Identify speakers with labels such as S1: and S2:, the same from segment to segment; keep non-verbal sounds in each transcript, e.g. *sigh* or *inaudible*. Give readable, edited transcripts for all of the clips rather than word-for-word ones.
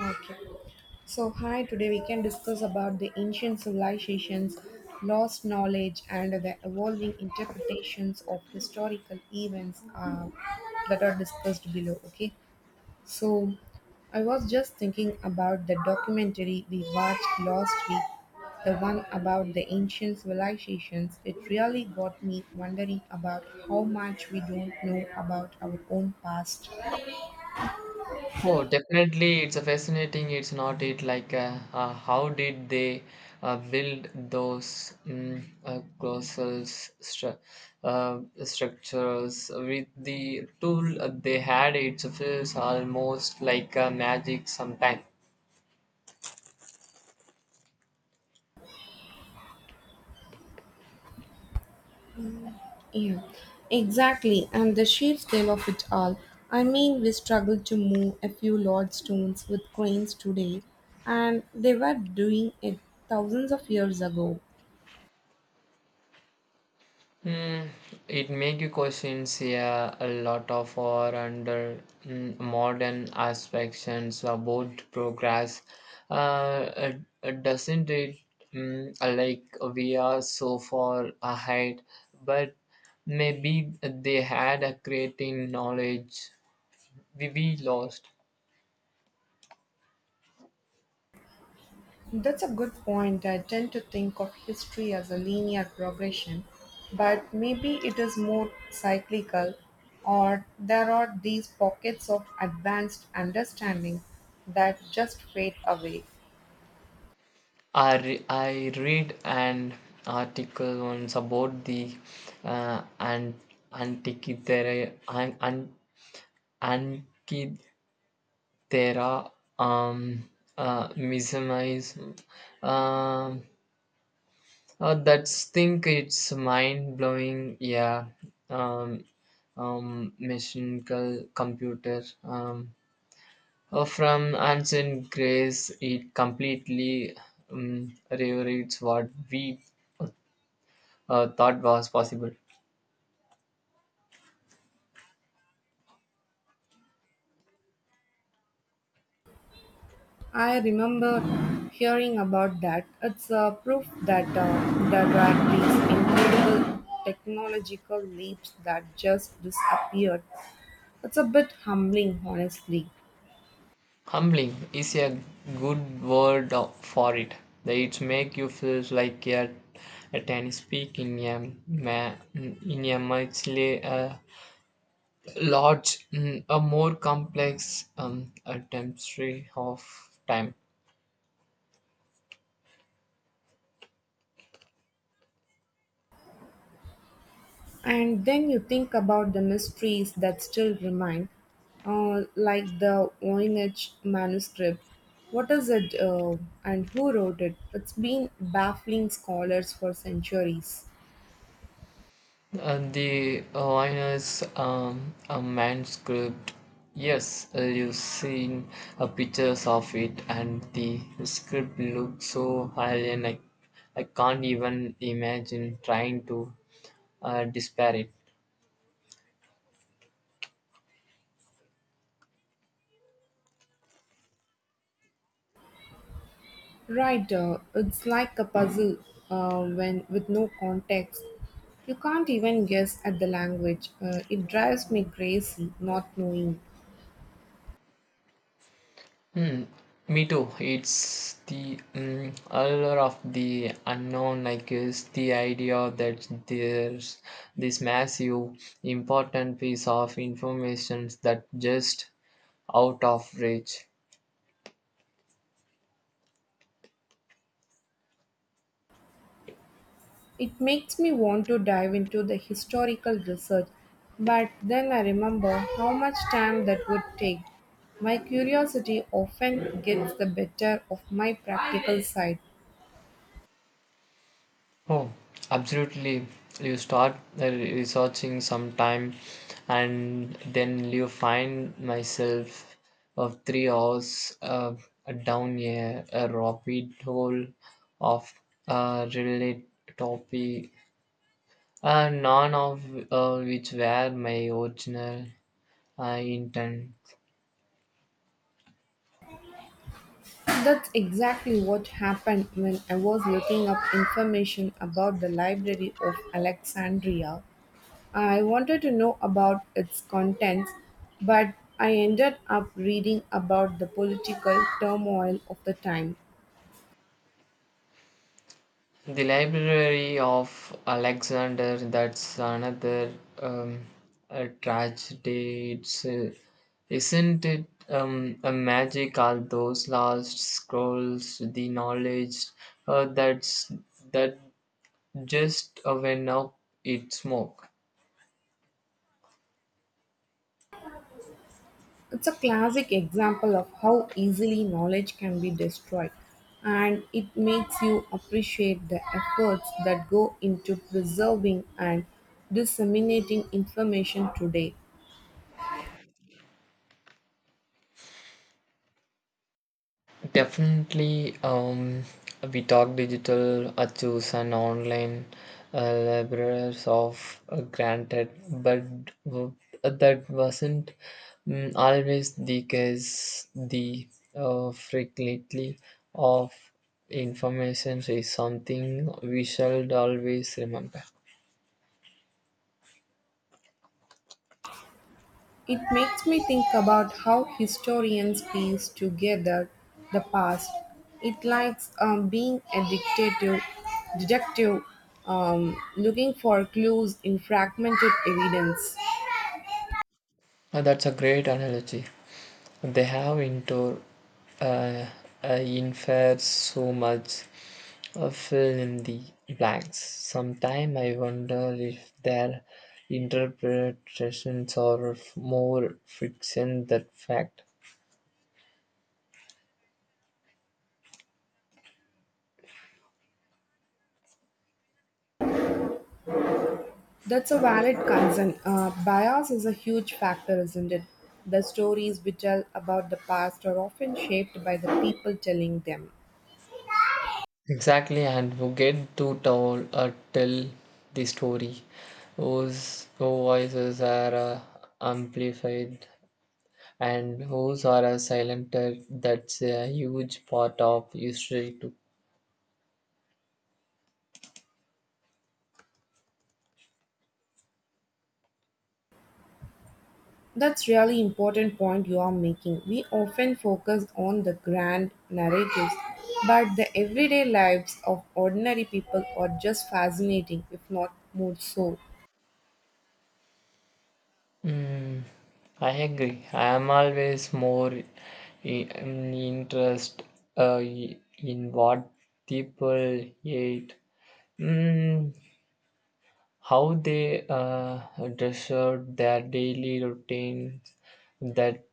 S1: Okay. So, hi, today we can discuss about the ancient civilizations, lost knowledge, and the evolving interpretations of historical events that are discussed below. Okay. So, I was just thinking about the documentary we watched last week, the one about the ancient civilizations. It really got me wondering about how much we don't know about our own past.
S2: Oh, definitely, it's a fascinating. It's not it like how did they build those colossal structures with the tool they had? It feels almost like a magic sometimes.
S1: Yeah, exactly. And the sheer scale of it all. I mean, we struggled to move a few large stones with cranes today, and they were doing it thousands of years ago.
S2: Hmm, it make you questions, yeah, a lot of our under modern aspects about progress. Uh, uh, doesn't it like we are so far ahead, but maybe they had a creating knowledge we lost.
S1: That's a good point. I tend to think of history as a linear progression, but maybe it is more cyclical, or there are these pockets of advanced understanding that just fade away.
S2: I read an article once about the uh, and antikythera- an- Ankithera um, mesmerism. Um, that's think it's mind blowing. Yeah, um, mechanical computer. From ancient Greece, it completely rewrites what we thought was possible.
S1: I remember hearing about that. It's a proof that there were these incredible technological leaps that just disappeared. It's a bit humbling, honestly.
S2: Humbling is a good for it. It makes you feel like a tennis peak in a large, a more complex tapestry of time.
S1: And then you think about the mysteries that still remain, like the Voynich manuscript. What is it and who wrote it? It's been baffling scholars for centuries.
S2: The Lioness a manuscript. Yes, you've seen pictures of it, and the script looks so alien. I can't even imagine trying to despair it.
S1: Right, it's like a puzzle when with no context. You can't even guess at the language. It drives me crazy not knowing.
S2: Hmm. Me too. It's the allure of the unknown, I guess, the idea that there's this massive, important piece of information that just out of reach.
S1: It makes me want to dive into the historical research, but then I remember how much time that would take. My curiosity often gets the better of my practical side.
S2: Oh, absolutely. You start researching sometime, and then you find myself of 3 hours down a rapid hole of related topic, none of which were my original uh, intent.
S1: That's exactly what happened when I was looking up information about the Library of Alexandria. I wanted to know about its contents, but I ended up reading about the political turmoil of the time.
S2: The Library of Alexander, that's another um, a tragedy, it's, isn't it? A magic, all those lost scrolls, the knowledge uh, that's that just went up in smoke.
S1: It's a classic example of how easily knowledge can be destroyed, and it makes you appreciate the efforts that go into preserving and disseminating information today.
S2: Definitely, we talk digital achus and online libraries of granted, but that wasn't always the case. The frequently of information is something we should always remember.
S1: It makes me think about how historians piece together the past. It likes being a detective, looking for clues in fragmented evidence.
S2: That's a great analogy. They have indoor uh, in so much fill in the blanks. Sometimes I wonder if their interpretations are more fiction than fact.
S1: That's a valid concern. Bias is a huge factor, isn't it? The stories we tell about the past are often shaped by the people telling them.
S2: Exactly, and who get to tell the story, whose voices are amplified and whose are silenced. That's a huge part of history too.
S1: That's really important point you are making. We often focus on the grand narratives, but the everyday lives of ordinary people are just fascinating, if not more so.
S2: Mm, I agree. I am always more i- um, interest uh, i- in what people eat, mm, how they dress out their daily routines. That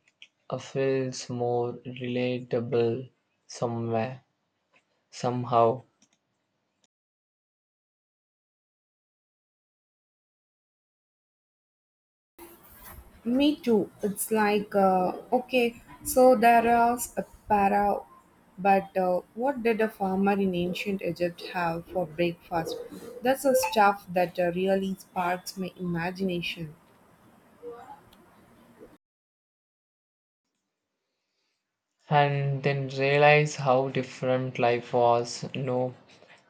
S2: feels more relatable somewhere, somehow.
S1: Me too. It's like, okay, so there is a para, but what did a farmer in ancient Egypt have for breakfast? That's a stuff that really sparks my imagination.
S2: And then realize how different life was, no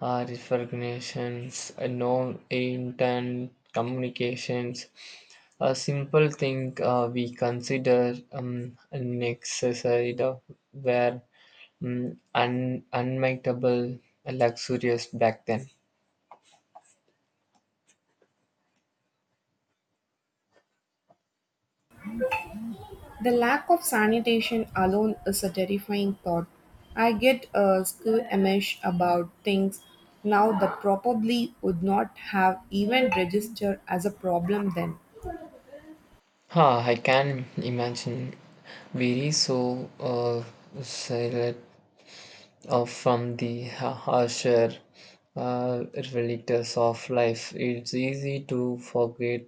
S2: recognitions, no intent communications, a simple thing we consider necessary were unmightable luxurious back then.
S1: The lack of sanitation alone is a terrifying thought. I get squeamish about things now that probably would not have even registered as a problem then.
S2: Huh, I can imagine we so silent from the harsher uh, realities of life. It's easy to forget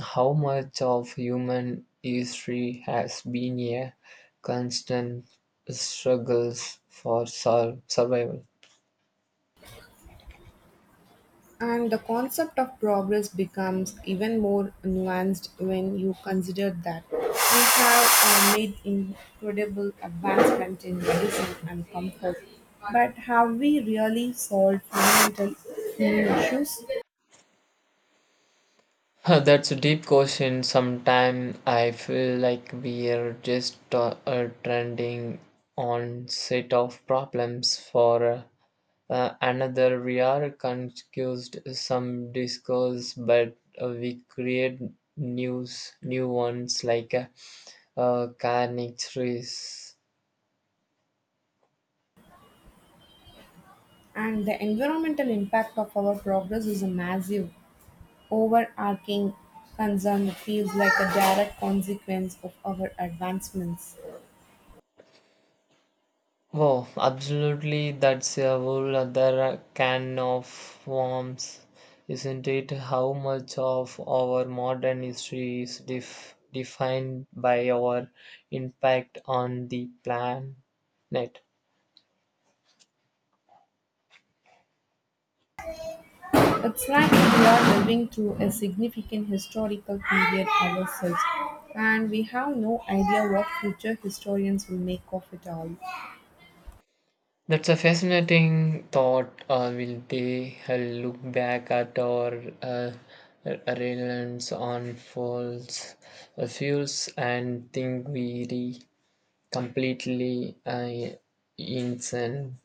S2: how much of human history has been a constant struggles for survival. *laughs*
S1: And the concept of progress becomes even more nuanced when you consider that we have made incredible advancement in medicine and comfort, but have we really solved fundamental human issues?
S2: Huh, that's a deep question. Sometimes I feel like we are just trending on set of problems for. Another we are confused some discourse, but we create new ones like carnivorous.
S1: And the environmental impact of our progress is a massive, overarching concern that feels like a direct consequence of our advancements.
S2: Oh, absolutely, that's a whole other can of worms, isn't it? How much of our modern history is defined by our impact on the planet.
S1: It's like we are living through a significant historical period ourselves, and we have no idea what future historians will make of it all.
S2: That's a fascinating thought. Will they look back at our reliance on fossil fuels and think we re completely insane?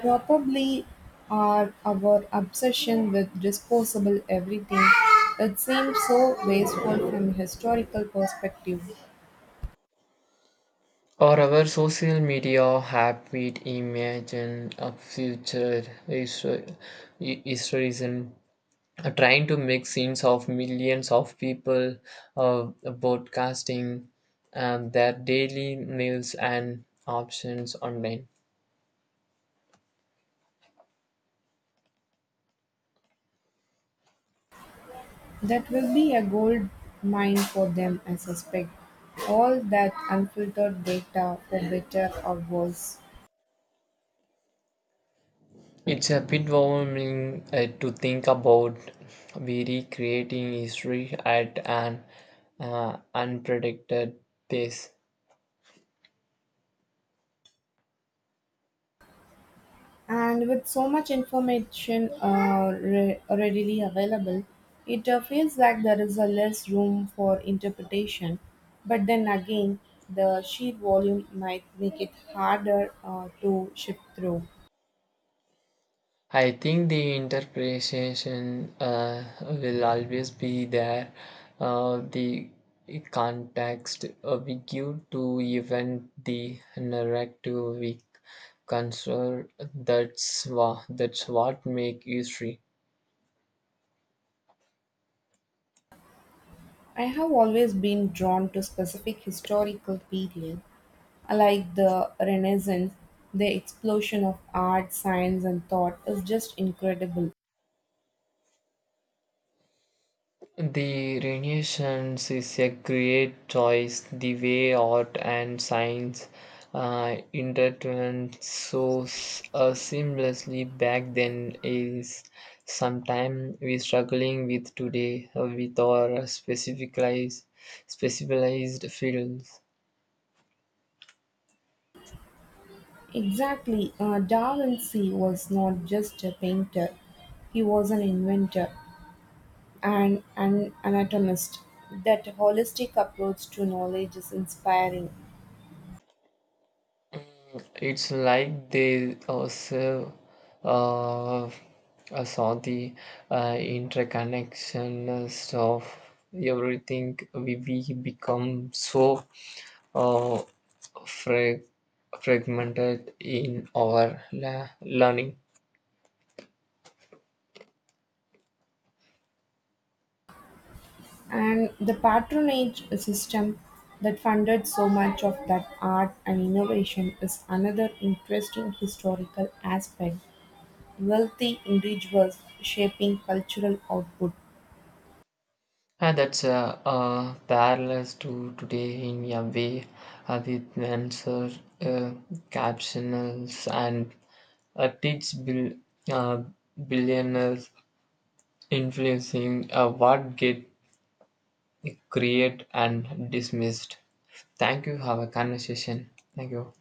S1: Probably are our obsession with disposable everything. It seems so wasteful from a historical perspective.
S2: Or our social media habit. Imagine a future is is reason trying to make scenes of millions of people uh, broadcasting their daily meals and options online.
S1: That will be a gold mine for them, I suspect. All that unfiltered data, for better or worse.
S2: It's a bit overwhelming to think about we recreating history at an unpredicted pace.
S1: And with so much information readily available, it feels like there is a less room for interpretation. But then again, the sheer volume might make it harder to shift through.
S2: I think the interpretation will always be there. The context we give to even the narrative we construct, that's what make history.
S1: I have always been drawn to specific historical period, like the Renaissance. The explosion of art, science, and thought is just incredible.
S2: The Renaissance is a great choice. The way art and science intertwined so seamlessly back then is sometimes we struggling with today with our specificalized specialized fields.
S1: Exactly, Da Vinci was not just a painter; he was an inventor and an anatomist. That holistic approach to knowledge is inspiring.
S2: It's like they also serve uh, saw the interconnectedness of everything. We become so uh, frag- fragmented in our learning.
S1: And the patronage system that funded so much of that art and innovation is another interesting historical aspect. Wealthy individuals shaping cultural output.
S2: And that's parallels to today in a way with answer uh, captionals and uh, teach bil- uh, billionaires influencing what get create and dismissed. Thank you. Have a conversation. Thank you.